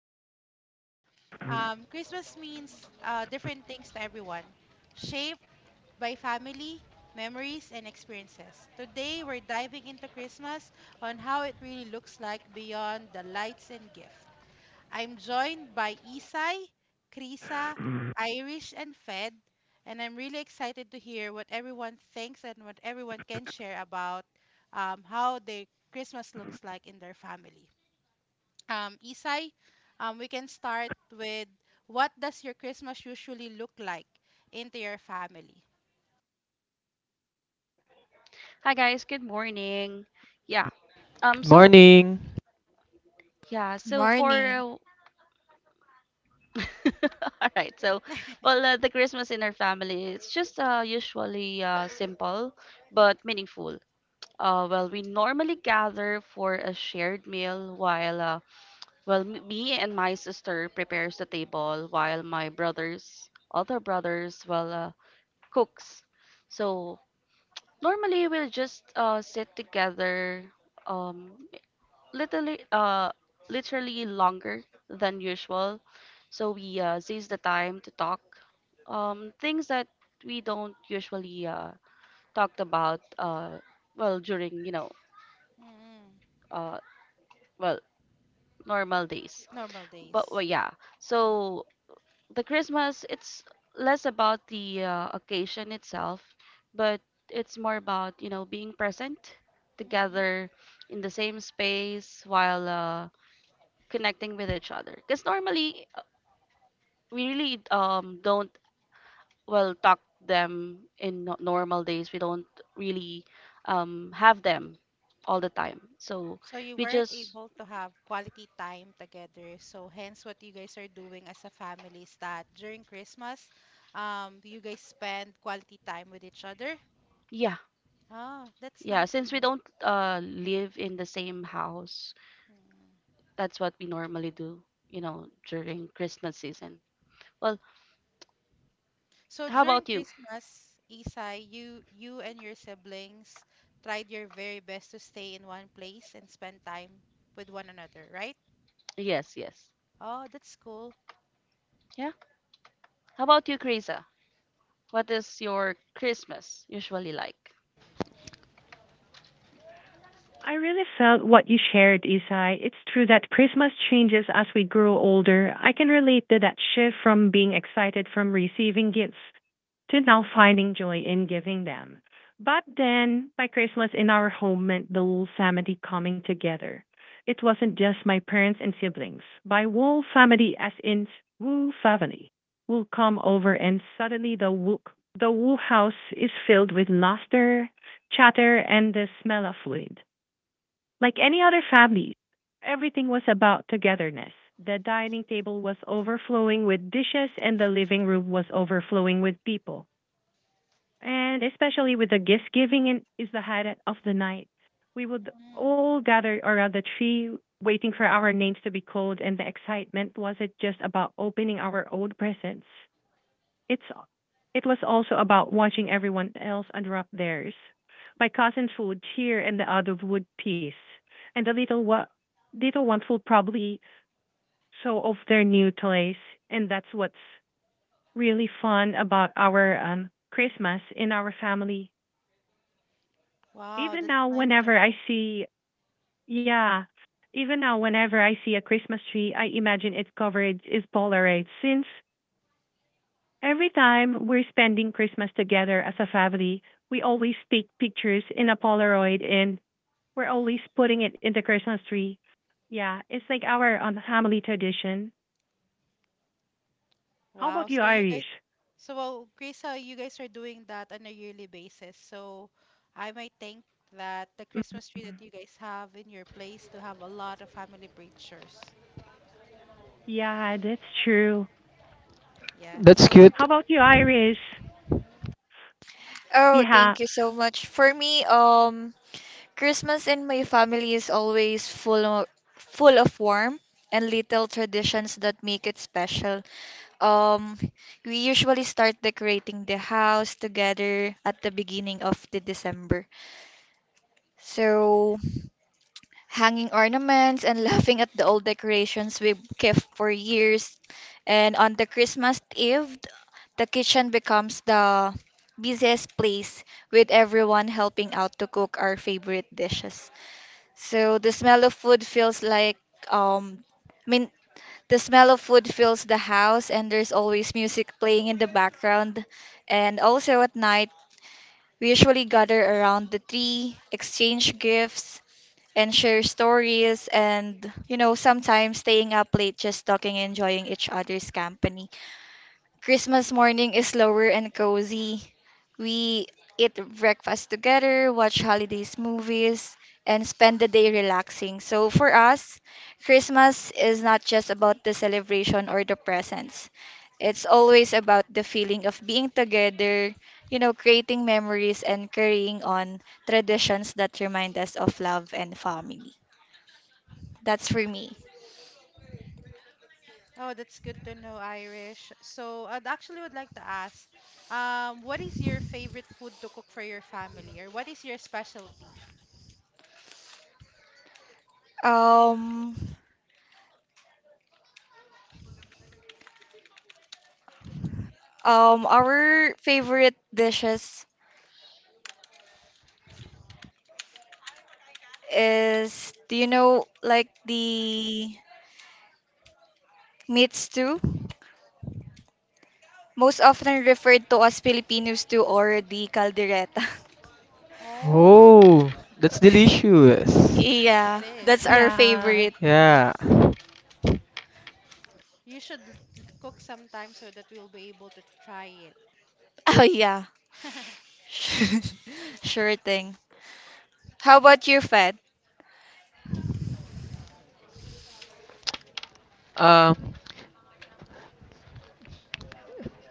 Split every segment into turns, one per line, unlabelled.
our favorite memories. Christmas means different things to everyone, shaped by family, memories, and experiences. Today, we're diving into Christmas on how it really looks like beyond the lights and gifts. I'm joined by Isai, Krisa, Irish, and Fed, and I'm really excited to hear what everyone thinks and what everyone can share about how their Christmas looks like in their family. Isai, we can start with what does your Christmas usually look like into your family?
Hi guys, good morning. Yeah. So
Morning.
yeah, so for
Morning.
All right. The Christmas in our family it's just usually, simple but meaningful. We normally gather for a shared meal me and my sister prepares the table while my other brothers cooks. So normally we'll just sit together, um literally uh literally longer than usual, so we seize the time to talk things that we don't usually talked about, well, during
Mm,
uh well normal days.
normal
But well,
days.
yeah, so the Christmas, it's less about the occasion itself, but it's more about, you know, being present together in the same space, while connecting with each other, because normally we really don't talk them in normal days. We don't really have them all the time. So
So
we
you weren't
just
able to have quality time together. So hence what you guys are doing as a family is that during Christmas, you guys spend quality time with each other.
yeah
Ah,
yeah
that's nice
since we
to know.
don't live in the same house, that's what we normally do. You know, during Christmas season. Well, how
So
about
during
you?
Christmas, Isai, you and your siblings tried your very best to stay in one place and spend time with one another, right?
Yes, yes,
Oh, that's cool.
yeah. How about you, Krisa? What is your Christmas usually like?
I really felt what you shared, Isai. It's true that Christmas changes as we grow older. I can relate to that shift from being excited from receiving gifts to now finding joy in giving them. But then, by Christmas in our home meant the whole family coming together. It wasn't just my parents and siblings. By whole family, as in whole family, will come over, and suddenly the whole house is filled with laughter, chatter, and the smell of food. Like any other families, everything was about togetherness. The dining table was overflowing with dishes, and the living room was overflowing with people. And especially with the gift giving and is the highlight of the night. We would
Mm.
all gather around the tree, waiting for our names to be called, and the excitement wasn't just about opening our own presents. It's it was also about watching everyone else unwrap theirs. My cousins would cheer and the others would tease, and the little ones would probably show off their new toys, and that's what's really fun about our Christmas in our family. Even
Wow,
now,
that's nice
whenever
to
I
know.
see, Yeah, even now, whenever I see a Christmas tree, I imagine its coverage is polarized since every time we're spending Christmas together as a family, we always take pictures in a Polaroid and we're always
Mm.
putting it in the Christmas tree. Yeah, it's like our family tradition. How about
Wow,
you,
so you
Irish?
guys. So, well, Krisa, you guys are doing that on a yearly basis. So, I might think that the Christmas tree that you guys have in your place to have a lot of family pictures.
Yeah, that's true.
Yeah.
That's
So,
How
cute.
about you, Iris?
Oh,
Yeah,
thank you so much. For me, Christmas in my family is always full of warmth and little traditions that make it special. Um, we usually start decorating the house together at the beginning of the December. So, hanging ornaments and laughing at the old decorations we kept for years. And on the Christmas Eve, the kitchen becomes the busiest place with everyone helping out to cook our favorite dishes. So the smell of food feels like um I mean the smell of food fills the house, and there's always music playing in the background. And also at night, we usually gather around the tree, exchange gifts and share stories, and you know sometimes staying up late just talking, enjoying each other's company. Christmas morning is slower and cozy. We eat breakfast together, watch holidays movies, and spend the day relaxing. So for us, Christmas is not just about the celebration or the presents. It's always about the feeling of being together, you know, creating memories and carrying on traditions that remind us of love and family. That's for me.
oh, that's good to know, Irish. So, I'd actually would like to ask, what is your favorite food to cook for your family, or what is your specialty?
Um, our favorite dishes is, do you know, like the meat stew? Most often referred to as Filipino stew or the caldereta.
Oh,
Oh, that's delicious.
Yeah,
it
that's
is.
our
It's
yeah.
favorite.
indeed.
Yeah.
You should cook sometime so that we'll be able to try it.
Oh, yeah. Sure thing. How about you, Fed?
Um.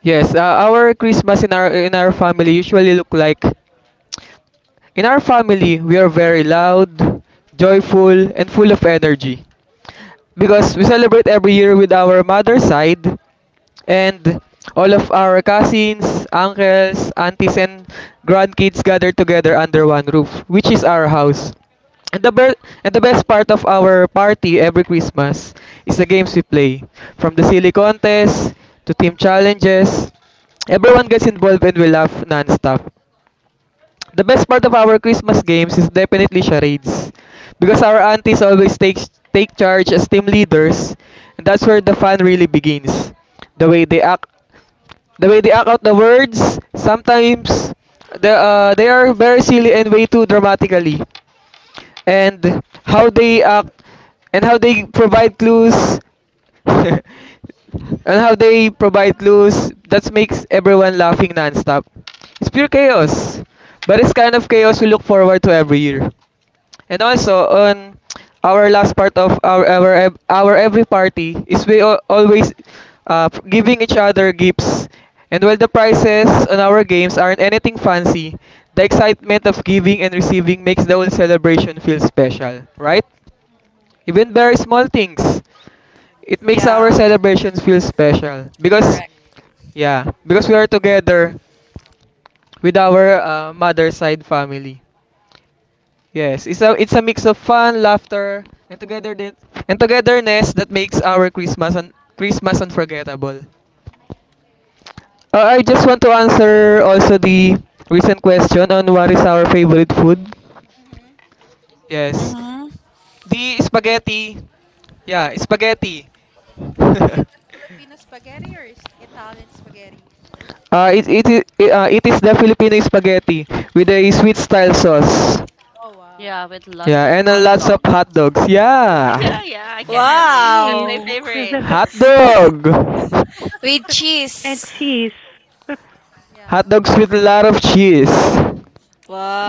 Yes. Our Christmas in our family usually look like. In our family, we are very loud, joyful, and full of energy, because we celebrate every year with our mother's side and all of our cousins, uncles, aunties, and grandkids gather together under one roof, which is our house. And the, ber- and the best part of our party every Christmas is the games we play. From the silly contests to team challenges, everyone gets involved and we laugh non-stop. The best part of our Christmas games is definitely charades. Because our aunties always take charge as team leaders, and that's where the fun really begins. The way they act the way they act out the words, sometimes they are very silly and way too dramatically. And how they act and how they provide clues and how they provide clues that makes everyone laughing nonstop. It's pure chaos, but it's kind of chaos we look forward to every year. And also on our last part of our every party is always giving each other gifts. And while the prices on our games aren't anything fancy, the excitement of giving and receiving makes the whole celebration feel special, right? Even very small things, it makes our
Yeah,
celebrations feel special because
correct.
yeah, because we are together with our mother side family. Yes, it's a mix of fun, laughter, and together and togetherness that makes our Christmas unforgettable. I just want to answer also the recent question on what is our favorite food.
Hmm.
Yes,
Mm-hmm.
the spaghetti. Yeah, spaghetti.
Is it the Filipino spaghetti or is Italian spaghetti?
It it is the Filipino spaghetti with a sweet style sauce.
Oh
Yeah,
wow.
with lots of
Yeah, and
hot
lots of
dog.
hot dogs. Yeah.
Yeah, yeah, I can
And
relate. That's
cheese.
my
Wow.
So-
favorite.
so- so-
Hot dog!
With
so- And
cheese.
cheese. So-
Hot
Yeah.
dogs with a lot of cheese.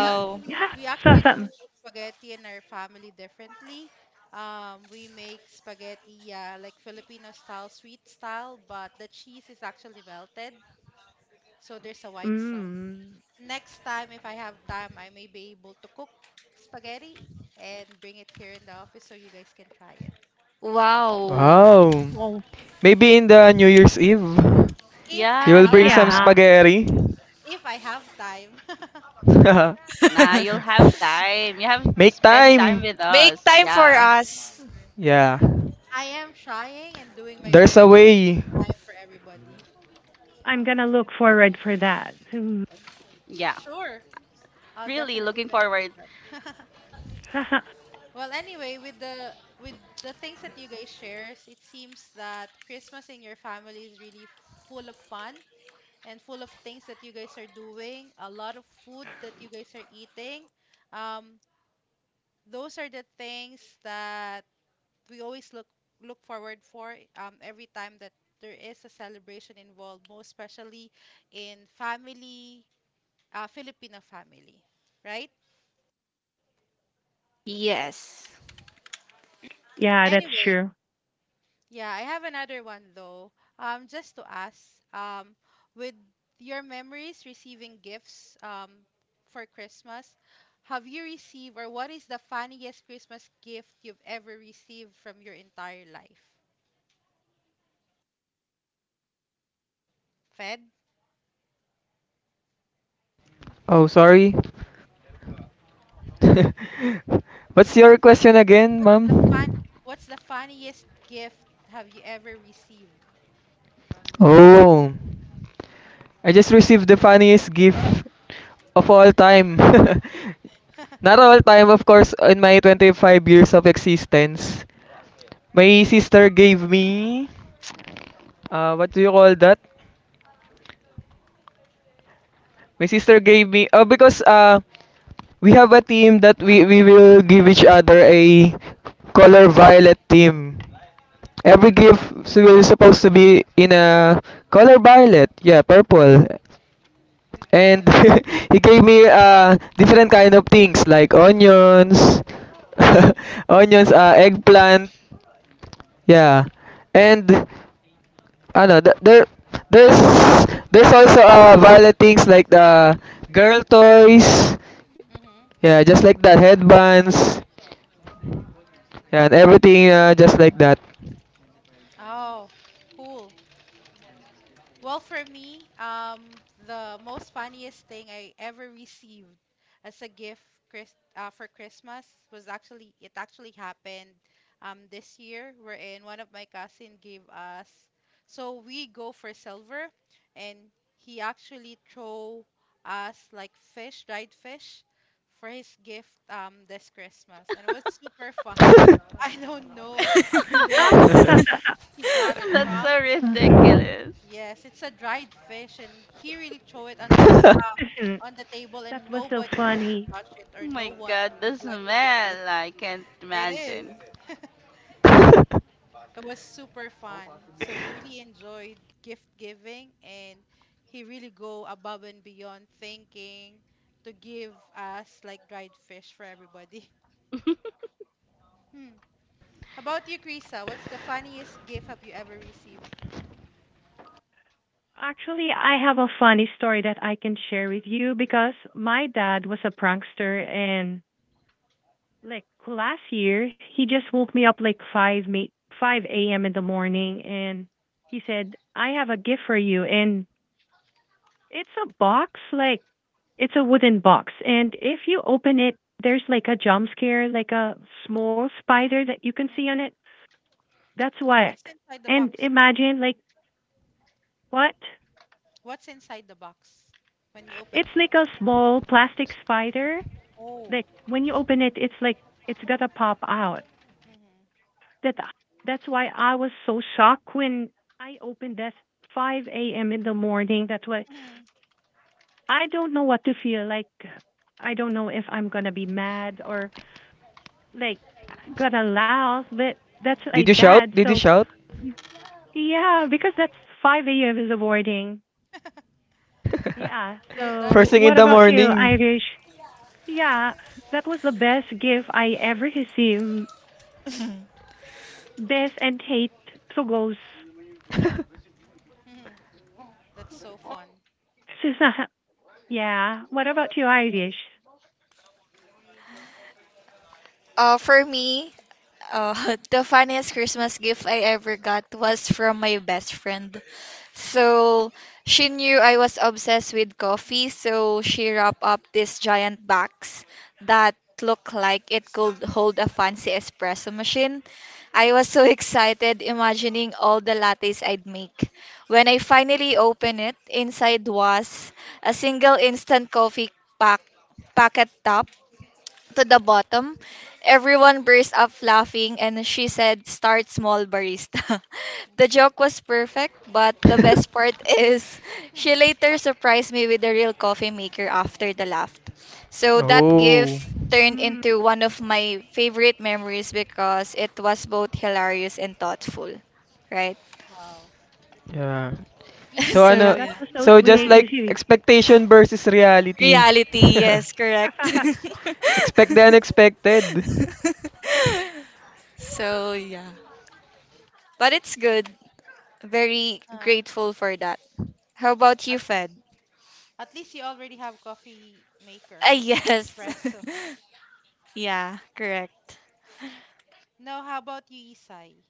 We actually
Yeah,
we
so,
actually
so,
do spaghetti in our family differently. We make spaghetti, yeah, like Filipino style, sweet style, but the cheese is actually melted, so there's a white sauce.
mm.
Next time, if I have time, I may be able to cook spaghetti and bring it here in the office so you guys can try it.
Wow.
Wow.
Oh,
Maybe in the New Year's Eve,
If
you
Yeah,
I
will bring
have
some
yeah.
yeah.
spaghetti.
if I have time.
Nah, you'll have time. You have
Make
spent time
time!
with
Make
us.
time for
Yeah,
us.
Yeah.
I am trying and doing my
There's a
very
way.
time for everybody.
I'm gonna look forward for that.
yeah.
Sure, I'll
Really looking
definitely gonna
forward.
do that. Well, anyway, with the things that you guys shares, it seems that Christmas in your family is really full of fun and full of things that you guys are doing, a lot of food that you guys are eating. Um, those are the things that we always look forward for every time that there is a celebration involved, most especially in family, Filipino family, right?
Yes.
Yeah, that's
Anyway,
true.
yeah, I have another one though. Just to ask, um, with your memories receiving gifts, for Christmas, have you received or what is the funniest Christmas gift you've ever received from your entire life? Fed,
Oh, sorry. What's your
what's
question again,
what's the fun
ma'am?
what's the funniest gift have you ever received for Christmas?
Oh. I just received the funniest gift of all time. Not all time, of course, in my 25 years of existence. My sister gave me, what do you call that? My sister gave me, because we have a team that we will give each other a color violet team. Every gift so will supposed to be in a color violet, yeah, purple. And he gave me different kind of things like onions, onions, eggplant. Yeah, and ano, th- there, there's there's also violet things like the girl toys.
Mm-hmm.
Yeah, just like that, headbands. Yeah, and everything just like that.
Oh, cool. Well, for me, the most funniest thing I ever received as a gift for Christmas was actually happened this year, wherein one of my cousin gave us. So we go for silver, and he actually throw us like fish, dried fish, for his gift this Christmas, and it was super fun. I don't know where the,
Ah,
he got it
That's so
from.
ridiculous.
Yes, it's a dried fish, and he really throw it under the
listen,
on the table,
that
and
was so
nobody wants to
funny.
touch it,
Oh
or
my
no one
God, the
would like to get it.
smell. I can't
It
imagine.
is. It was super fun. So we really enjoyed gift giving, and he really go above and beyond thinking to give us like dried fish for everybody. Hmm. How about you, Krisa? What's the funniest gift have you ever received?
Actually, I have a funny story that I can share with you because my dad was a prankster, and like last year, he just woke me up like five a.m. in the morning, and he said, "I have a gift for you," and it's a box, like it's a wooden box, and if you open it, there's like a jump scare, like a small spider that you can
Mhm.
see on it. That's what.
What's inside the
And
box?
imagine like what?
What's inside the box when you
It's
open it?
like a small plastic spider. Like
Oh.
when you open it, it's like it's gonna pop out.
Mhm.
That that's why I was so shocked when I opened this 5 a.m. in the morning. That's why
Mhm.
I don't know what to feel. Like I don't know if I'm gonna be mad or like got allows, but that's
Mhm.
Did
like
you
that.
shout? Did you
So
shout?
yeah, because that's 5 years of boarding. Yeah.
Your
First
daddy
So
thing in
what
the
super.
about you,
morning.
Irish? Yeah, that was the best gift I ever received. Best and hate so goes.
Mhm. That's so fun.
Sus- yeah. What about you, Irish?
For me, uh, the funniest Christmas gift I ever got was from my best friend. So she knew I was obsessed with coffee, so she wrapped up this giant box that looked like it could hold a fancy espresso machine. I was so excited imagining all the lattes I'd make. When I finally opened it, inside was a single instant coffee pack packet top to the bottom. Everyone burst up laughing, and she said, "Start small, barista." The joke was perfect, but the best part is she later surprised me with a real coffee maker after the laugh. So that gift
Oh,
turned
Mm,
into one of my favorite memories because it was both hilarious and thoughtful, right?
Wow.
yeah.
You
So
should make
So,
yeah,
ano,
us
that
yeah.
was
coffee
so
so just
sweet.
sometime.
Is
like
you?
expectation versus reality.
Reality, yes, correct.
Expect the unexpected.
So, yeah. But it's good. Very
Uh,
grateful for that. How about you,
at
Fed?
least you already have coffee
Ah,
maker,
yes.
espresso.
Yeah, correct.
Now, how about you, Isai?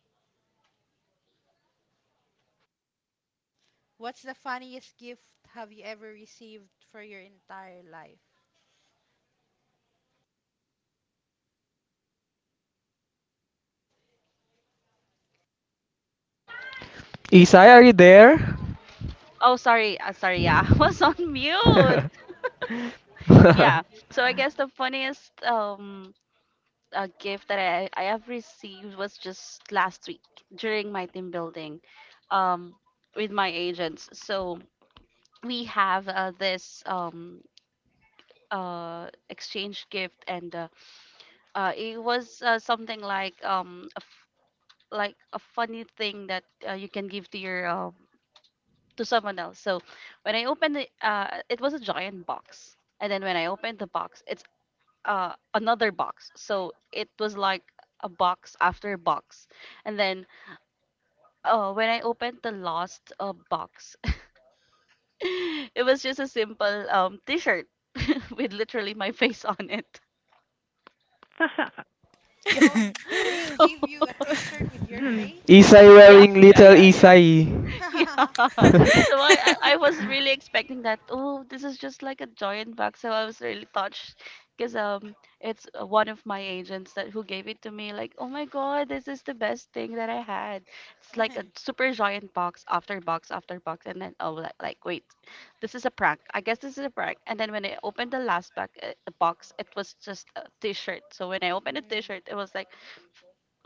What's the funniest gift have you ever received for your entire life?
Isai, are you there?
Oh, sorry. Sorry. Yeah, I was on mute. Yeah. So I guess the funniest gift that I have received was just last week during my team building, um, with my agents. So we have this exchange gift, and it was something like a like a funny thing that you can give to your to someone else. So when I opened it, it was a giant box, and then when I opened the box, it's another box. So it was like a box after box, and then when I opened the last box, it was just a simple, T-shirt with literally my face on it. Yeah.
So they
So
gave you a T-shirt with your
Hmm.
face?
Isai
yeah,
wearing little Isai.
yeah. So I was really expecting that. Oh, this is just like a giant bag. So I was really touched because, it's one of my agents that who gave it to me. Like, oh my God, this is the best thing that I had. It's like a super giant box after box after box, and then oh, like wait, this is a prank. I guess this is a prank. And then when I opened the last bag, box, it was just a T-shirt. So when I opened a
Mm.
T-shirt, it was like,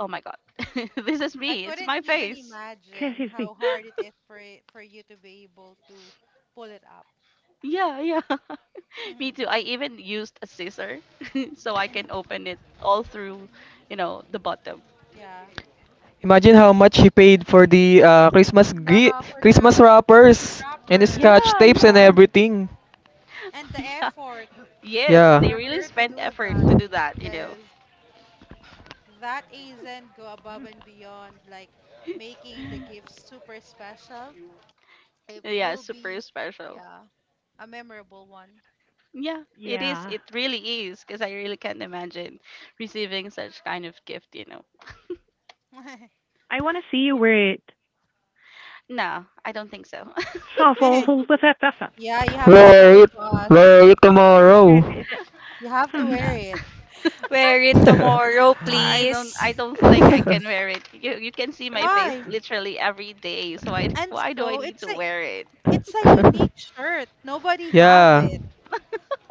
oh my God, this is
I
me. It's
couldn't
my
even
face.
imagine how hard it is for it, for you to be able to pull it up.
Yeah, yeah. Me
Mhm,
too. I even used a scissor so I can
mhm,
open it all through, you know, the bottom.
yeah.
Imagine how much he paid for the
Yeah, for
Christmas
the Christmas
wrappers and the
wrapper.
scotch
Yeah,
tapes and
yeah.
everything.
And the
Yeah.
effort
Yes,
Yeah.
they
for
really
her to
spent
do
effort
that.
to do that, you know.
Yes, that isn't go above and beyond like making the gift super special. It
Yeah,
will
super
be,
special.
yeah, a memorable one.
Yeah, it is.
Yeah.
It really is, because I really can't imagine receiving such kind of gift, you know.
I want to see you wear it.
No, I don't think so.
Shuffle who with that pepper.
Yeah, you have to show
Wear
it
it.
to us.
Wear it
Is
tomorrow.
it?
You have to
No,
Hmm.
wear it.
Wear it tomorrow,
I don't
please.
I don't think I
Hmm.
can wear it. You can see my face
Why?
literally every day, so I
And
why do I
so
need to
it's a
wear it?
it's a unique shirt. Nobody have
Yeah.
it.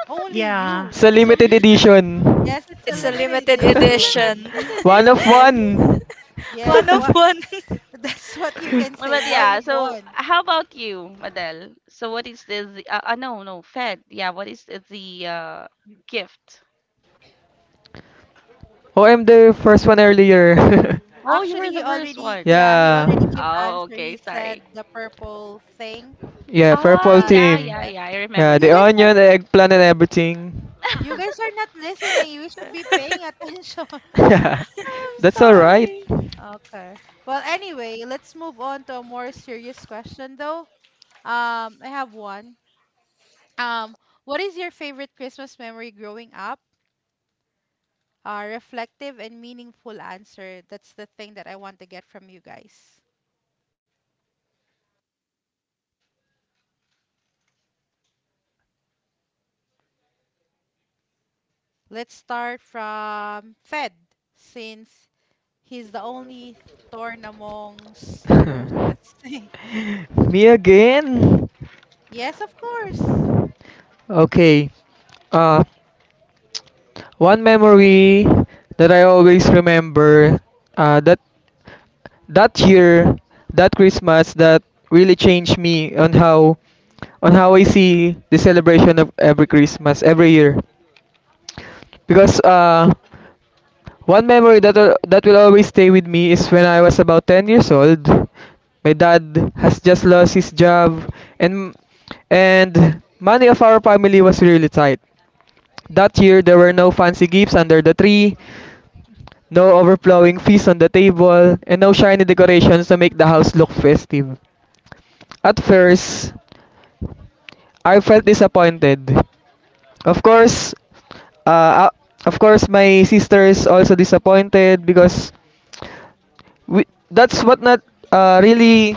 Only
Yeah.
you.
Sa
So
limited
you should,
edition.
yes, it's a
It's a
Hmm.
limited
limited
edition.
Hmm.
edition.
Limited
One of
edition.
one.
One
Yes,
of
what
one.
that's what you can say.
But
One
yeah,
of
so
one.
how about you, Madel? So what is the, no, no, Fed. Yeah, what is the gift?
Oh, I'm the first one earlier.
Oh, you were
Actually
the
he
first
already,
one.
yeah, he
Yeah.
already gave
Oh,
answer.
okay,
He
sorry.
said the purple thing,
Yeah,
Ah,
purple
that,
yeah,
team.
yeah,
yes.
yeah, I remember
Yeah,
You
the
now.
guys are,
onion, the eggplant, and everything.
you
Uh-huh.
guys are not listening. You should be paying attention.
Yeah.
I'm
That's alright.
sorry.
Okay. Well, anyway, let's move on to a more serious question though. I have one. Um, what is your favorite Christmas memory growing up? Reflective and meaningful answer. That's the thing that I want to get from you guys. Let's start from Fed, since he's the only thorn amongst the roses.
Me again?
Yes, of course.
Okay. Uh, One memory that I always remember, uh, that that year, that Christmas, that really changed me on how I see the celebration of every Christmas every year. Because one memory that that will always stay with me is when I was about 10 years old. My dad has just lost his job, and money of our family was really tight. That year, there were no fancy gifts under the tree, no overflowing feast on the table, and no shiny decorations to make the house look festive. At first, I felt disappointed. Of course, uh, uh, of course, my sister is also disappointed because we, that's what not really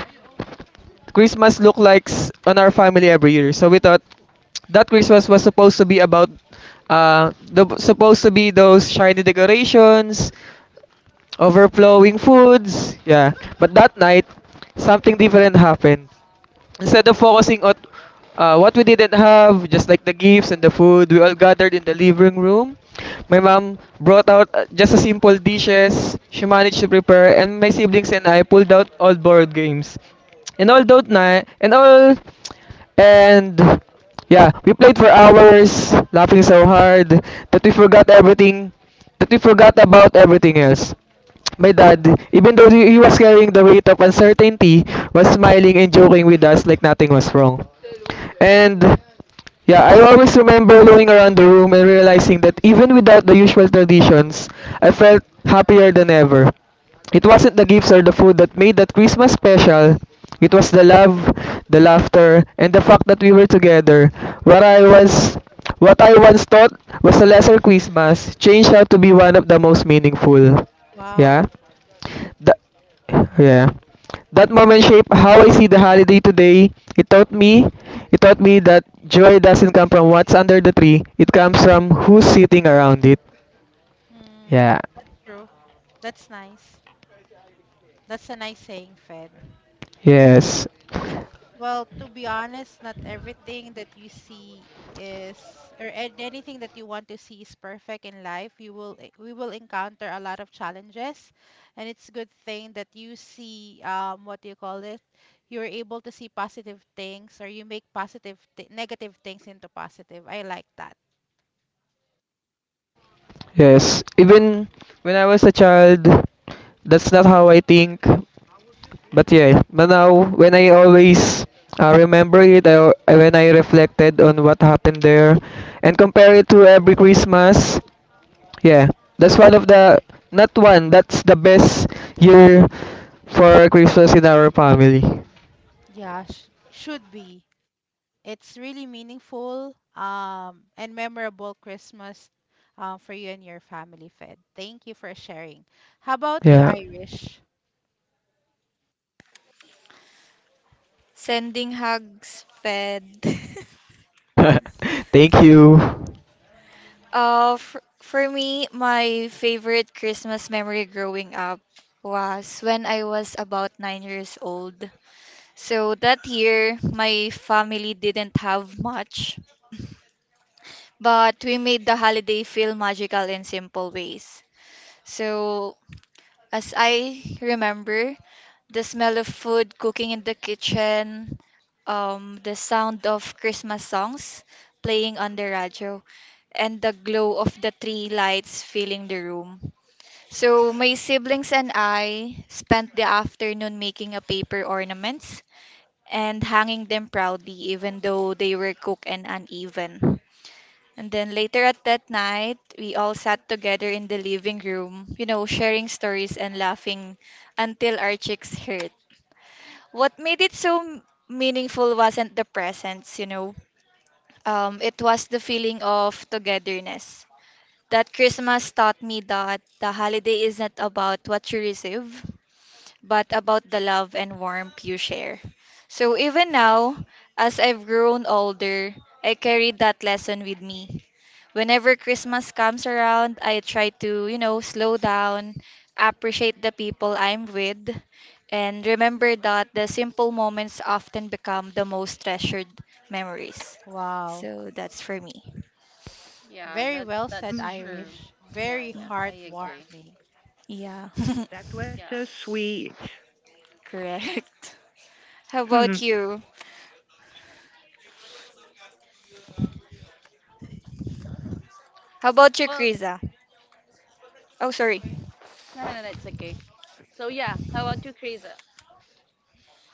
Christmas look like on our family every year. So we thought that Christmas was supposed to be about the supposed to be those shiny decorations, overflowing foods, yeah. But that night, something different happened. Instead of focusing on what we didn't have, just like the gifts and the food, we all gathered in the living room. My mom brought out just a simple dishes she managed to prepare, and my siblings and I pulled out old board games. And all that night, and all and yeah, we played for hours, laughing so hard that we forgot everything, that we forgot about everything else. My
Mhm.
dad, even though he was carrying the weight of uncertainty, was smiling and joking with us like nothing was wrong. And yeah, I always remember looking around the room and realizing that even without the usual traditions, I felt happier than ever. It wasn't the gifts or the food that made that Christmas special. It was the love, the laughter, and the fact that we were together. What I was what I once thought was a lesser Christmas changed out to be one of the most meaningful. Yeah.
Wow.
That, yeah. That moment shaped how I see the holiday today. It taught me, it taught me that joy doesn't come from what's under the tree. It comes from who's sitting around it.
Mm,
Yeah.
that's true. That's nice. That's a nice saying, Fed.
Yes.
It's, well, to be honest, not everything that you see is or anything that you want to see is perfect in life. You will we will encounter a lot of challenges, and it's a good thing that you see what do you call it? You're able to see positive things or you make positive th negative things into positive. I like that.
Yes. Even when I was a child, that's not how I think. But yeah, but now when I always remember it, when I reflected on what happened there, and compare it to every Christmas, yeah, that's one of the, not one. That's the best year for Christmas in our family.
Yeah, sh should be. It's really meaningful and memorable Christmas for you and your family, Fed. Thank you for sharing. How about you,
Yeah.
Irish?
Sending hugs, Fed.
Thank you.
Uh, f- for me, my favorite Christmas memory growing up was when I was about 9 years old. So that year, my family didn't have much, but we made the holiday feel magical in simple ways. So, as I remember, the smell of food cooking in the kitchen, the sound of Christmas songs playing on the radio, and the glow of the tree lights filling the room. So, my siblings and I spent the afternoon making a paper ornaments and hanging them proudly, even though they were cooked and uneven. And then later at that night, we all sat together in the living room, you know, sharing stories and laughing until our cheeks hurt. What made it so m- Meaningful wasn't the presents, it was the feeling of togetherness. That Christmas taught me that the holiday is not about what you receive, but about the love and warmth you share. So even now, as I've grown older, I carry that lesson with me. Whenever Christmas comes around, I try to, you know, slow down, appreciate the people I'm with, and remember that the simple moments often become the most treasured memories.
Wow.
So that's for me.
Very well said,
True.
Hmm.
Irish.
Yeah.
Very
Y-
Agree.
heartwarming.
Yeah,
That was so sweet.
correct. How
Hmm.
about you? How about you,
Well,
Krisa? Oh, sorry.
no, no, no, it's okay. So yeah, how about you, Chris?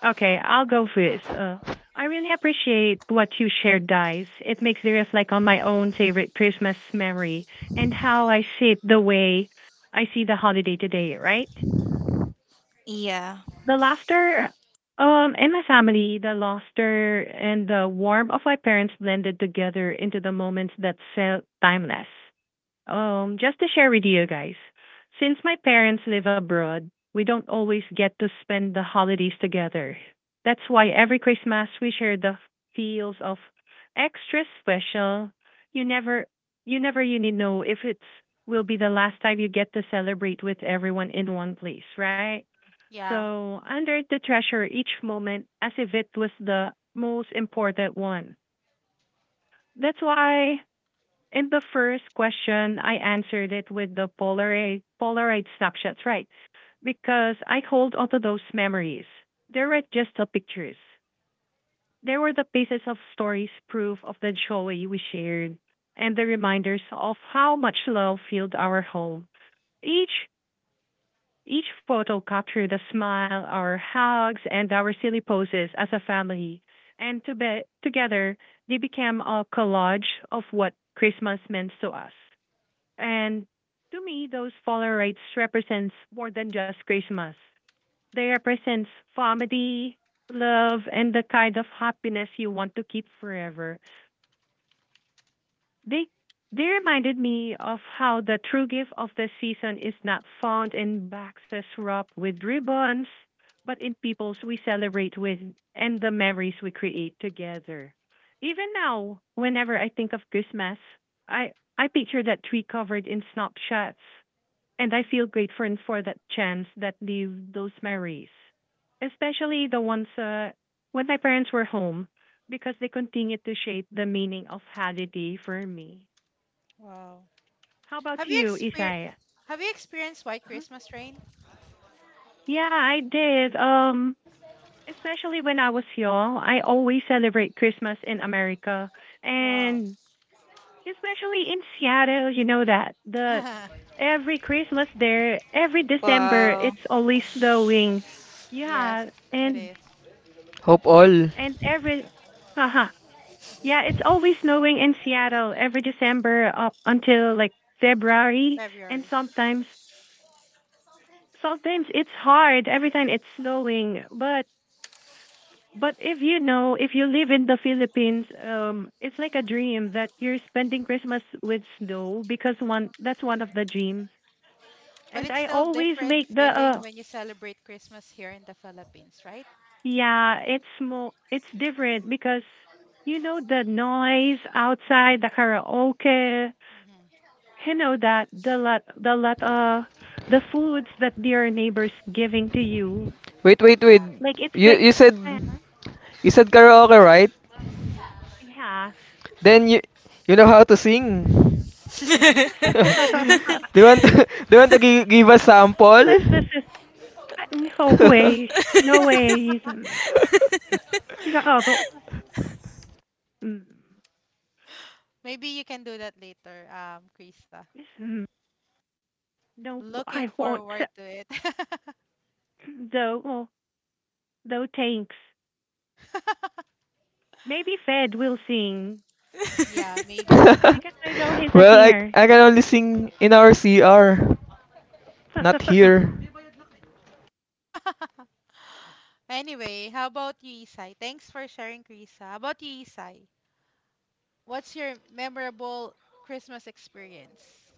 Okay, I'll go first. I really appreciate what you shared, guys. It makes me reflect on my own favorite Christmas memory and how I shape the way I see the holiday today, right?
Yeah.
The laughter the laughter and the warmth of my parents blended together into the moments that felt timeless. Just to share with you guys, since my parents live abroad, we don't always get to spend the holidays together. That's why every Christmas we share the feels of extra special. You never you need know if it's will be the last time you get to celebrate with everyone in one place, right?
Yeah.
So under the treasure each moment as if it was the most important one. That's why in the first question, I answered it with the Polaroid snapshots, right? Because I hold onto those memories. They weren't just the pictures. They were the pieces of stories, proof of the joy we shared, and the reminders of how much love filled our home. Each each photo captured a smile, our hugs, and our silly poses as a family. And to be, together, they became a collage of what Christmas meant to us. And to me, those follower rites represents more than just Christmas. They represents family, love, and the kind of happiness you want to keep forever. They they reminded me of how the true gift of the season is not found in boxes wrapped with ribbons, but in peoples we celebrate with and the memories we create together. Even now, whenever I think of Christmas, I I picture that tree covered in snapshots and I feel grateful for that chance that lived those memories, especially the ones when my parents were home, because they continue to shape the meaning of holiday for me.
Wow.
How
Have
about
you
you,
exper
Isaiah?
have you experienced White Christmas rain?
Yeah, I did. Especially when I was young, I always celebrate Christmas in America,
Wow.
and especially in Seattle, you know that the every Christmas there, every December
Wow.
it's always snowing.
Yes,
Yeah,
it is.
Hope all.
and every uh-huh.
Mhm.
Yeah, it's always snowing in Seattle every December up until like February and
February.
sometimes it's hard every time it's snowing, but if you know, if you live in the Philippines, it's like a dream that you're spending Christmas with snow because one that's one of the dreams.
But
And
it's
I
still
always
different
make the
feeling when you celebrate Christmas here in the Philippines, right?
yeah, it's more it's different because you know the noise outside the
Mm-hmm.
karaoke,
Mm-hmm.
you know that the foods that your neighbors giving to you.
Wait, wait, wait.
Yeah.
Like it's
You
like
you said
uh,
you said karaoke, right?
yeah.
Then you know how to sing. Do you want to, do you want to gi- give a
Let's this
sample?
is no way. No way. He's like, oh, but mm,
Maybe you can do that later, Krisa.
yes, mm, no,
Looking
I want
forward to it.
no, no, thanks. Maybe Fed will sing
Yeah, maybe.
because I know he's a
Well, I
singer.
I can only sing in our CR, not here.
Anyway, how about you, Isai? Thanks for sharing, Krisa. How about you, Isai? What's your memorable Christmas experience?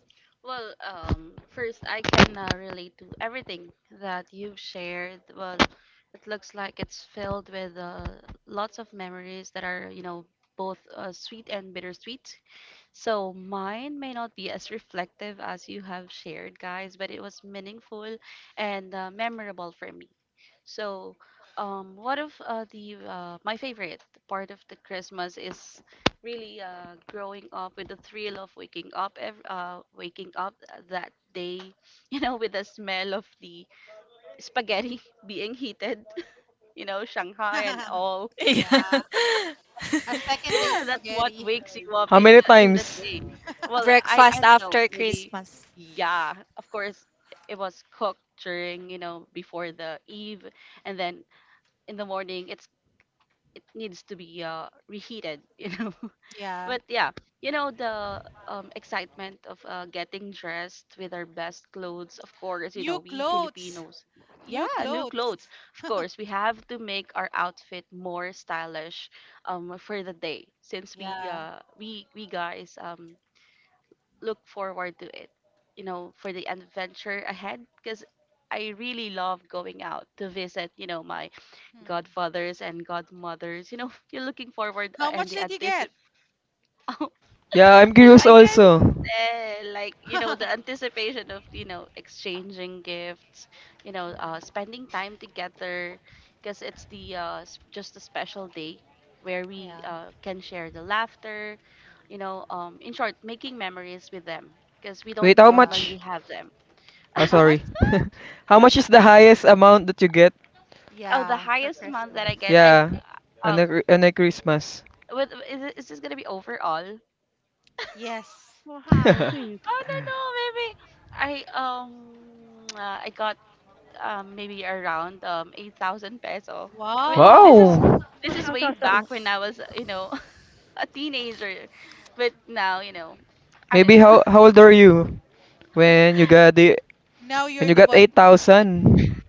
Well, first, I can relate to everything that you've shared. Well, it looks like it's filled with lots of memories that are, you know, both sweet and bittersweet. So mine may not be as reflective as you have shared, guys, but it was meaningful and memorable for me. So, one of the my favorite part of the Christmas is really, growing up with the thrill of waking up waking up that day, you know, with the smell of the spaghetti being heated, you know, shanghai and all.
Yeah.
Yeah, a second day
Yeah, that's what
spaghetti.
wakes you up
How many
in the
times?
day. Well, I
Breakfast
don't know,
after
maybe.
Christmas.
Yeah, of course, it was cooked during, you know, before the eve, and then in the morning it's it needs to be reheated. You know.
Yeah.
But yeah, you know, the excitement of getting dressed with our best clothes. Of course, you
New
know we
clothes.
Filipinos.
New
Yeah, new
clothes.
clothes. Of course, we have to make our outfit more stylish for the day, since we
Yeah.
guys look forward to it. You know, for the adventure ahead, because I really love going out to visit. You know, my
Hmm.
godfathers and godmothers. You know, you're looking forward
How much
and the
did you get?
anticip— I,
Yeah, I'm curious
I can
also.
tell, like, you know, the anticipation of, you know, exchanging gifts, you know,
Hmm.
spending time together, because it's the just a special day where we
Yeah.
can share the laughter, you know, in short, making memories with them, because we
Wait,
don't
how
Yeah.
normally
much?
have them.
Oh,
How much.
sorry. How much is the highest amount that you get?
Oh, the
Yeah, for
highest amount that I
Christmas.
get, I,
Yeah, on
uh,
on a Christmas.
with, is, it- is this gonna be overall?
Yes.
Wow, hmm,
Oh, no, no, maybe I I got, maybe around, 8,000 peso. I mean,
Wow.
Wow.
this is
wow,
way
so
back
so.
when I was, you know, a teenager. But now, you know, I don't
Maybe
know.
how old are you when you got the
Now
when
you're
you
the
got
one giving money.
8,000?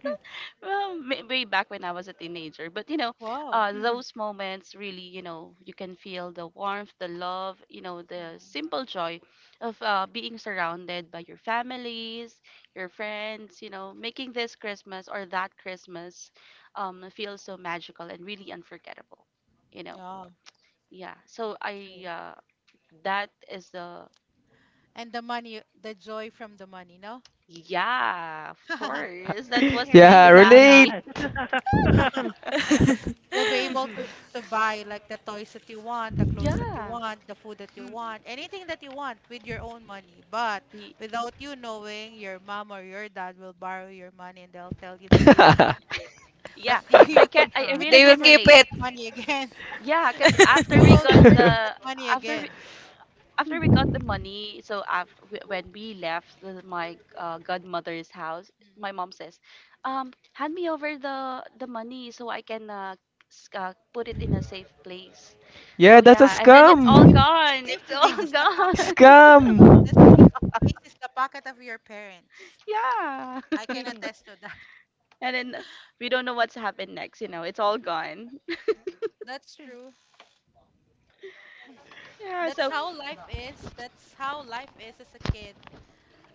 Hmm,
Well, may— way back when I was a teenager. But you know,
Wow.
mhm.
those moments really, you know, you can feel the warmth, the love, you know, the
Mm.
simple joy of being surrounded by your families, your friends. You know, making this Christmas or that Christmas feel so magical and really unforgettable. You know.
Yeah,
Yeah. So I
true.
that is the
And the money, the joy from the money, no?
yeah, of course. That
I
was
agree
make
Yeah,
with
us
you on
relate.
happy.
that.
You'll be able to
Mhm,
to buy like the toys that you want, the clothes that you
Yeah.
want, the food that you
mm,
want, anything that you want with your own money. But
Y—
without you knowing, your mom or your dad will borrow your money and they'll tell you that they will keep it. But
yeah.
you
I
can
can
mhm,
I
you
uh,
can
really
They will
can
never
keep
see
relate.
that
it.
money again.
Yeah, because
You will never see that money
after we,
again.
after we got the money, so after, when we left my godmother's house, my
Mm.
mom says, hand me over the money so I can put it in a safe place.
Yeah,
So
that's a
yeah, and then
The
it's all
safe,
scam.
the
gone.
safe
It's
place
all
is the pocket.
Scam.
gone.
The safe place is the pocket of your parents.
yeah.
I can attest to that.
And then we don't know what's happened next, you know, it's all gone.
That's true.
Yeah,
That's
so
how life is. That's how life is as a kid.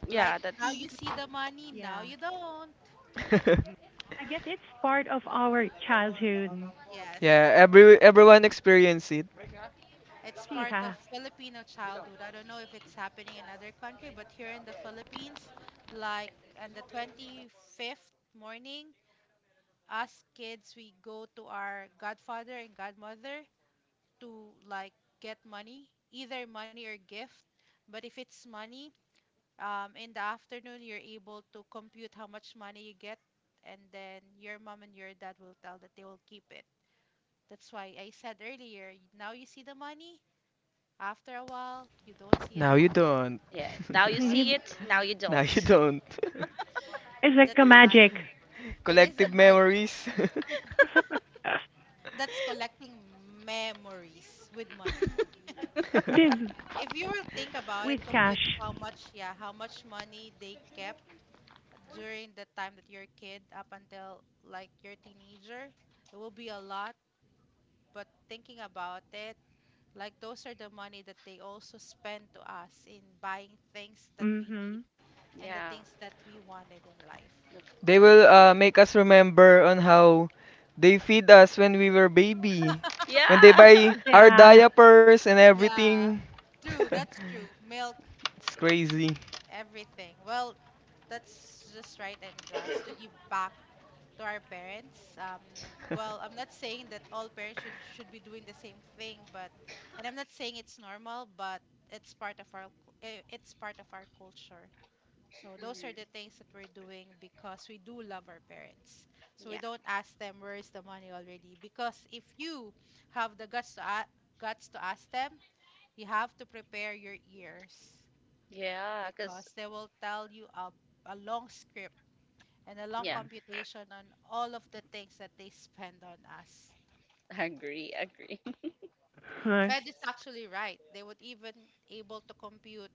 Like
yeah,
now you
that's
mhm,
see the money, now you
yeah,
don't.
mhm. I guess it's part of our childhood.
Yeah,
Yes.
everyone experience it.
It's
See,
part of
ha.
Filipino childhood. I don't know if it's happening in other country, but here in the Philippines, like on the 25th morning, us kids, we go to our godfather and godmother to like get money, either money or gift. But if it's money, in the afternoon, you're able to compute how much money you get, and then your mom and your dad will tell that they will keep it. That's why I said earlier, now you see the money, after a while, you don't see it
Now you
anymore.
don't.
yeah. Now you see it, now you
No, you
don't.
don't.
It's like
That's
a
sad.
magic
It is a
Collective
magic.
memories.
That's collecting memories with money. If you will think about it,
with
compute
cash.
how much, yeah, how much money they kept during the time that you're a kid up until like you're teenager. It will be a lot, but thinking about it, like those are the money that they also spend to us in buying things that we need
Hmm.
and the
Yeah,
things that we wanted in life.
of
They will
course, yes.
make us remember on how they feed us when we were baby. When they
Yeah.
buy our
Yeah.
diapers and
Yeah,
everything.
true. That's true. Milk,
It's crazy.
everything. Well, that's just right and just to give back to our parents. Well, I'm not saying that all parents should be doing the same thing, but and I'm not saying it's normal, but it's part of our culture. So those are the things that we're doing because we do love our parents. So
Yeah.
we don't ask them where is the money already because if you have the guts to guts to ask them, you have to prepare your ears
Yeah, cause
because they will tell you a long script and a long
yeah,
computation on all of the things that they spend on us.
agree.
Fed is actually right. They would even able to compute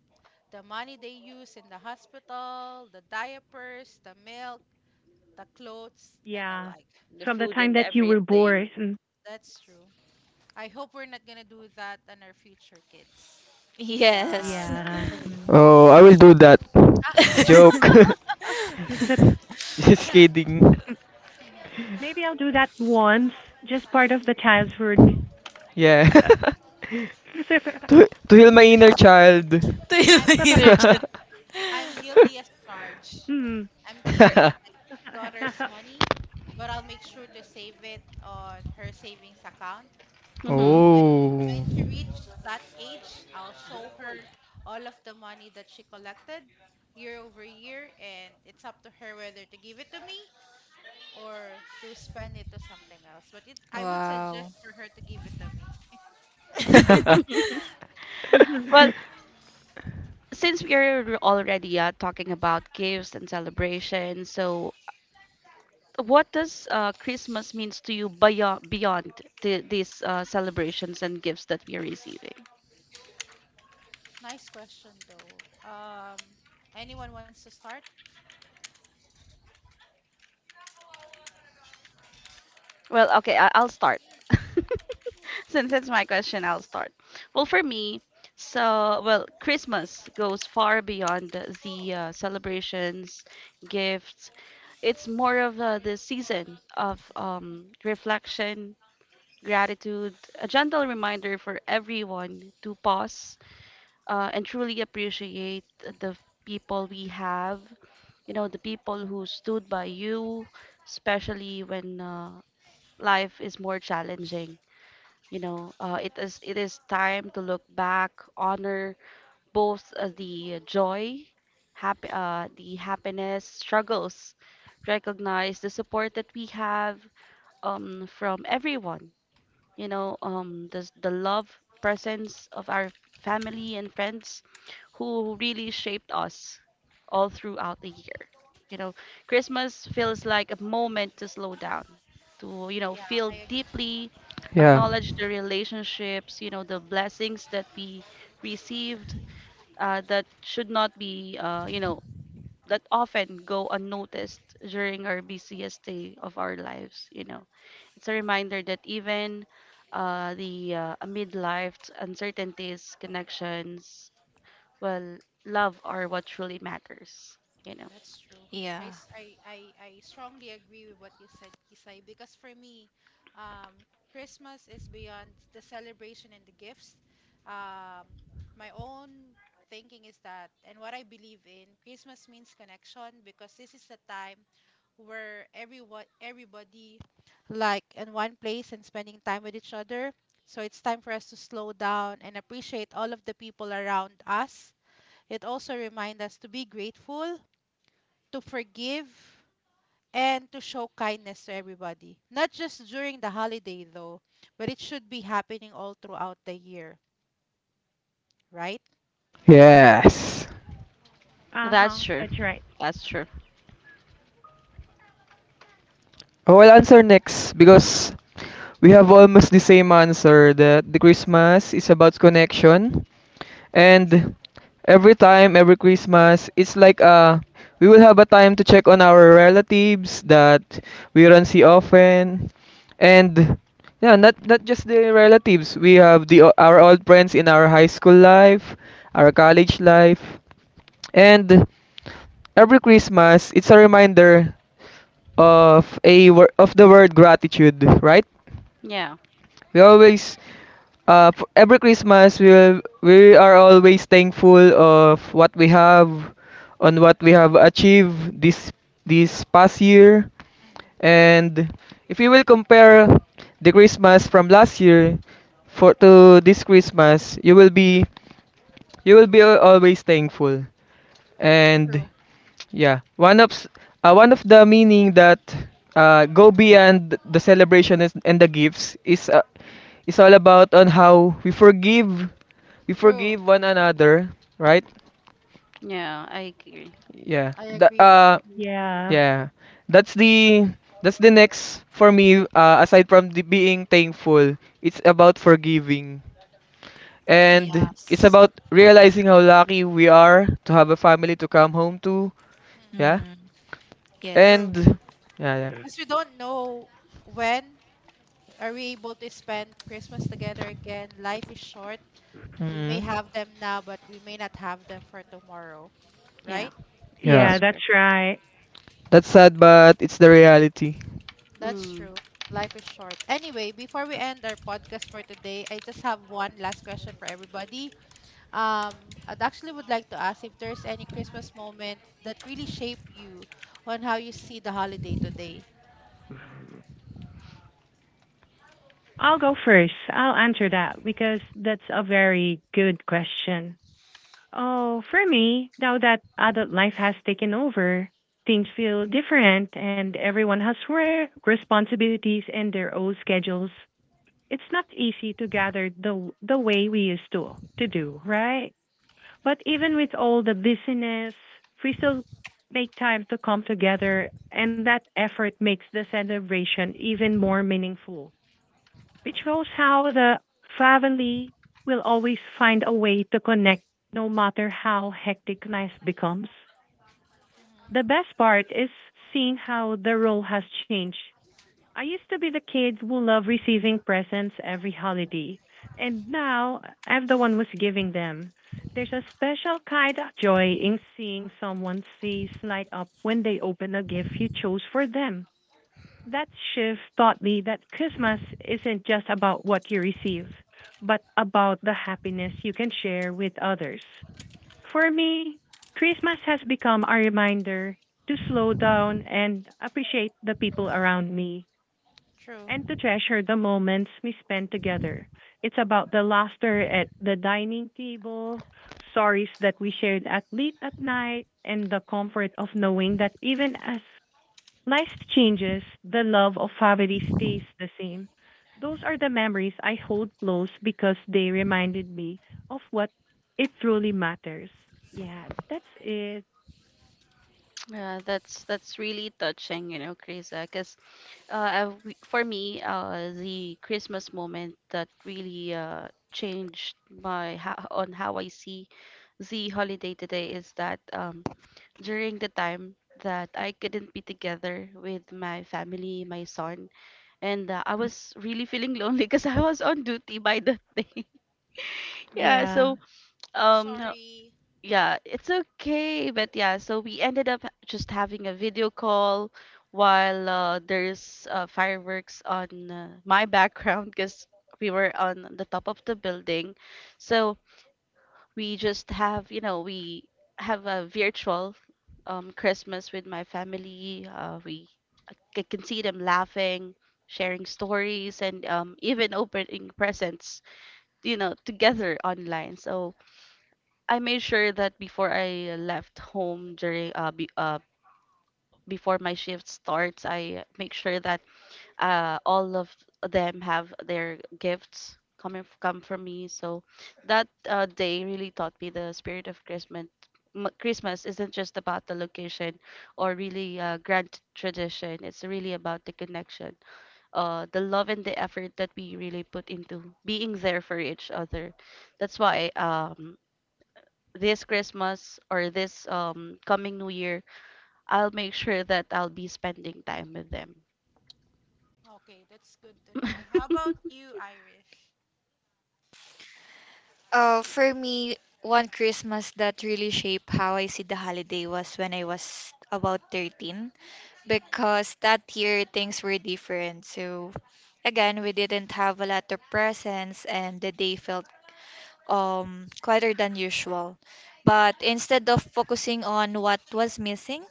the money they use in the hospital, the diapers, the milk, the clothes, and the
Yeah.
like.
The
From the
food
time
and
that you were
everything.
born. Mm.
That's true. I hope we're not gonna do that on our future kids.
Nah,
Yes.
no.
Yeah. Mm.
Oh, I will do that. Joke.
It's a,
Just
Ah,
kidding.
mm. Maybe I'll do that once, just part of the childhood.
Yeah.
Uh,
To heal my inner child.
To na
I'm guil-
detergent.
I'm guilty as charged.
Mm.
I'm
Mm.
Or
keeping my daughter's money, but I'll make sure to save it on her savings account. And
Mm.
Mhm.
when
Oh.
when she reached that age, I'll show her all of the money that she collected year over year, and it's up to her whether to give it to me or to spend it to something else. But I would
Wow.
suggest for her to give it to me.
Well, since we are already talking about gifts and celebrations, so what does Christmas means to you beyond these celebrations and gifts that we are receiving?
Nice question though. Anyone wants to start?
Well, okay, I'll start. Since it's my question, I'll start. Well, for me, so, well, Christmas goes far beyond the celebrations, gifts. It's more of the season of reflection, gratitude, a gentle reminder for everyone to pause, and truly appreciate the people we have, you know, the people who stood by you, especially when life is more challenging. You know, it is time to look back, honor both the happiness, struggles, recognize the support that we have from everyone, you know, the love, presence of our family and friends who really shaped us all throughout the year. You know, Christmas feels like a moment to slow down, to, you know,
Yeah,
feel
I agree.
deeply,
Yeah.
acknowledge the relationships, you know, the blessings that we received, that should not be, you know, that often go unnoticed during our busiest day of our lives. You know, it's a reminder that even, the amid life's uncertainties, connections, well, love are what truly matters, you know.
That's true.
Yeah.
I, s- I strongly agree with what you said, Kisai, because for me, um, Christmas is beyond the celebration and the gifts. Um, my own thinking is that, and what I believe in, Christmas means connection because this is the time where everybody like in one place and spending time with each other. So it's time for us to slow down and appreciate all of the people around us. It also reminds us to be grateful to forgive and to show kindness to everybody. Not just during the holiday though, but it should be happening all throughout the year, right?
Yes.
That's
Uh-huh.
true.
That's right.
That's true.
I will answer next because we have almost the same answer that the Christmas is about connection. And every time every Christmas it's like, we will have a time to check on our relatives that we don't see often. And yeah, not just the relatives, we have our old friends in our high school life, our college life. And every Christmas it's a reminder of the word gratitude, right?
Yeah,
We always, every Christmas, we are always thankful of what we have, on what we have achieved this past year.
Mm-hmm.
And if you will compare the Christmas from last year for to this Christmas, you will be always thankful. And
True.
yeah, one of the meaning that go beyond the celebration and the gifts is, it's all about on how we
True.
forgive one another, right?
yeah, I agree.
Yeah.
I
That
agree. I agree.
Yeah.
Yeah. That's the, next for me, aside from the being thankful, it's about forgiving. And it's
Yes.
about realizing how lucky we are to have a family to come home to. Yeah.
Mm.
Mm. Yes.
And
True.
yeah, yeah.
Because we don't know when are we able to spend Christmas together again. Life is short. We
Hmm.
may have them now, but we may not have them for tomorrow,
Yeah,
right?
Yeah.
Yeah,
that's
that's
true.
right.
That's sad but it's the reality.
That's
Mm,
true. Life is short. Anyway, before we end our podcast for today, I just have one last question for everybody. I'd actually would like to ask if there's any Christmas moment that really shape you on how you see the holiday today.
I'll go first. I'll answer that because that's a very good question. Oh, for me, now that adult life has taken over, things feel different and everyone has work, responsibilities, and their own schedules. It's not easy to gather the way we used to do, right? But even with all the busyness, we still make time to come together, and that effort makes the celebration even more meaningful which shows how the family will always find a way to connect no matter how hectic life becomes.
Mm.
The best part is seeing how the role has changed. I used to be the kid who loved receiving presents every holiday, and now I'm the one who's giving them. There's a special kind of joy in seeing someone's face light up when they open a gift you chose for them. That shift taught me that Christmas isn't just about what you receive, but about the happiness you can share with others. For me, Christmas has become a reminder to slow down and appreciate the people around me
True.
and to treasure the moments we spend together. It's about the laughter at the dining table, stories that we shared at late at night, and the comfort of knowing that even as life changes, the love of family stays the same. Those are the memories I hold close because they reminded me of what it truly matters. Yeah, that's it.
yeah, that's really touching, you know, Krisa, because, uh, for me, the Christmas moment that really changed my ho— on how I see the holiday today is that, during the time that I couldn't be together with my family, my son, and I
Mm,
was really feeling lonely because I was on duty by that day. Yeah,
yeah,
so, um,
Sorry.
yeah, it's okay. But yeah, so we ended up just having a video call while, there's fireworks on, my background because we were on the top of the building. So we just have, you know, we have a virtual, Christmas with my family. We I can see them laughing, sharing stories, and, even opening presents, you know, together online. So I made sure that before I left home before my shift starts, I make sure that all of them have their gifts coming f- come from me. So that day really taught me the spirit of Christmas. Christmas isn't just about the location or really grand tradition. It's really about the connection, the love and the effort that we really put into being there for each other. That's why, this Christmas, or this coming New Year, I'll make sure that I'll be spending time with them.
Okay, that's good to know. How about you, Irish?
For me, one Christmas that really shaped how I see the holiday was when I was about 13,
Mhm.
because that year things were different. So again, we didn't have a lot of presents and the day felt quieter than usual. But instead of focusing on what was missing,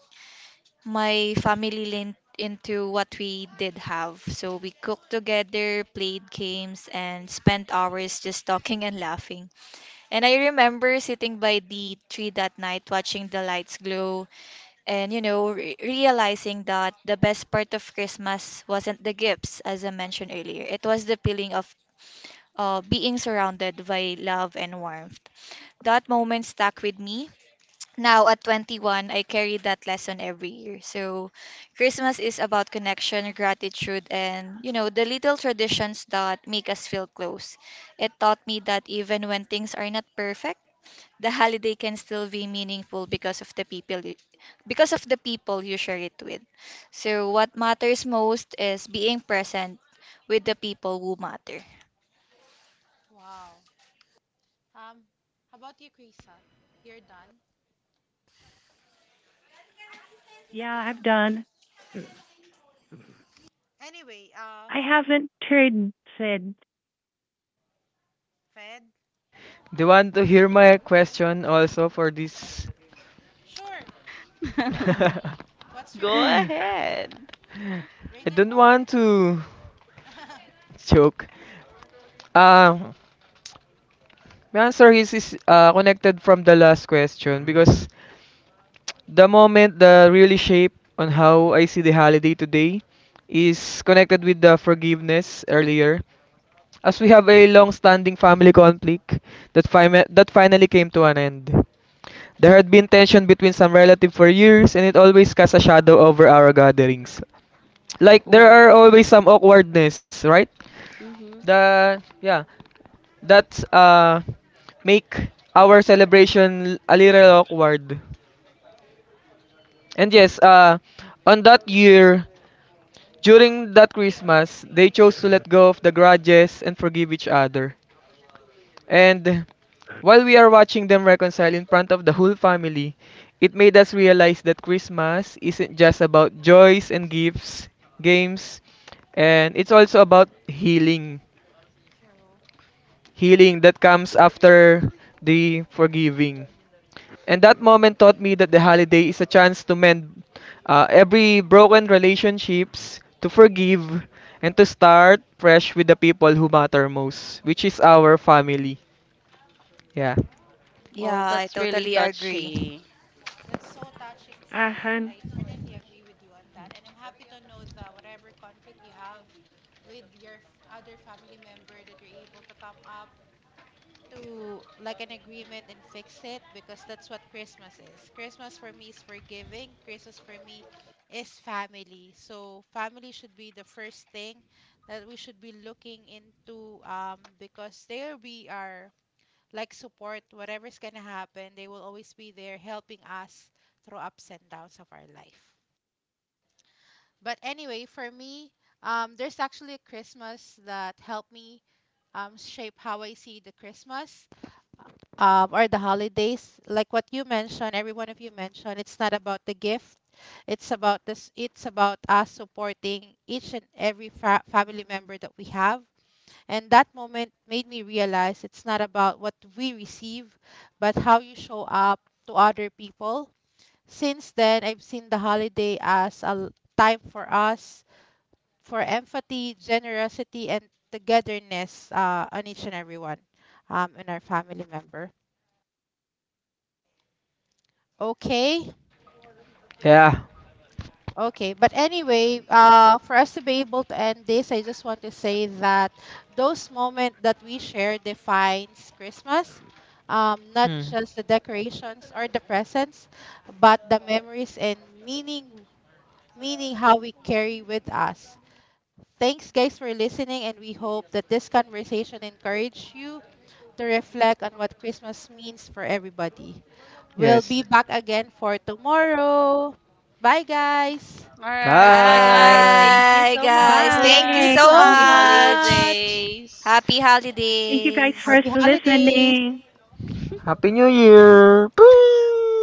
my family leaned into what we did have. So we cooked together, played games, and spent hours just talking and laughing. And I remember sitting by the tree that night watching the lights glow and, you know, realizing that the best part of Christmas wasn't the gifts, as I mentioned earlier. It was the feeling of being surrounded by love and warmth. That moment stuck with me. Now at 21, I carry that lesson every year. So Christmas is about connection, gratitude, and you know, the little traditions that make us feel close. It taught me that even when things are not perfect, the holiday can still be meaningful because of the because of the people you share it with. So what matters most is being present with the people who matter.
Wow. Um, how about you, Krisa? You're done.
yeah, I've done. Mm,
Anyway,
I haven't heard said.
Fed.
Do you want to hear my question also for this?
Sure. What's your
Go
question?
ahead.
I
Bring it
don't
on.
want to joke. Um, my answer is connected from the last question because the moment that really shape on how I see the holiday today is connected with the forgiveness earlier. As we have a long-standing family conflict that finally came to an end. There had been tension between some relative for years, and it always casts a shadow over our gatherings. Like, there are
Oh,
always some awkwardness, right?
Yeah,
mm-hmm.
The yeah, that's Make our celebration a little awkward. And yes, on that year during that Christmas, they chose to let go of the grudges and forgive each other. And while we are watching them reconcile in front of the whole family, it made us realize that Christmas isn't just about joys and gifts, games, and it's also about healing.
true.
Healing that comes after the forgiving. And that moment taught me that the holiday is a chance to mend every broken relationships, to forgive, and to start fresh with the people who matter most, which is our family. Yeah.
Mm.
Yeah,
Well,
I
that's really
totally agree.
touchy.
That's so touching,
Uh,
Fed. I certainly agree with you on that. And I'm happy to know that whatever conflict you have with your other family member, that you're able to come up to like an agreement and fix it because that's what Christmas is. Christmas for me is forgiving. Christmas for me is family. So family should be the first thing that we should be looking into, because there we are like support, whatever's gonna happen, they will always be there helping us through ups and downs of our life. But anyway, for me, there's actually a Christmas that helped me, shape how I see the Christmas, or the holidays. Like what you mentioned, every one of you mentioned, it's not about the gift, it's about this. It's about us supporting each and every family member that we have. And that moment made me realize it's not about what we receive, but how you show up to other people. Since then, I've seen the holiday as time for us, for empathy, generosity, and togetherness, on each and every one, in our family member. Okay.
Yeah.
Okay, but anyway, for us to be able to end this, I just want to say that those moments that we share defines Christmas. Not
Hmm.
just the decorations or the presents, but the memories and meaning, meaning how we carry with us. Thanks, guys, for listening, and we hope that this conversation encouraged you to reflect on what Christmas means for everybody. We'll
Yes.
be back again for tomorrow. Bye, guys.
All right, bye guys.
Bye.
Thank you
Bye
so
guys.
Thank
Thank you
you
bye.
much.
so
so
Happy
much.
much.
holidays.
Happy
Thank you guys
holidays.
for
Happy holidays.
listening.
Happy New Year. Bye.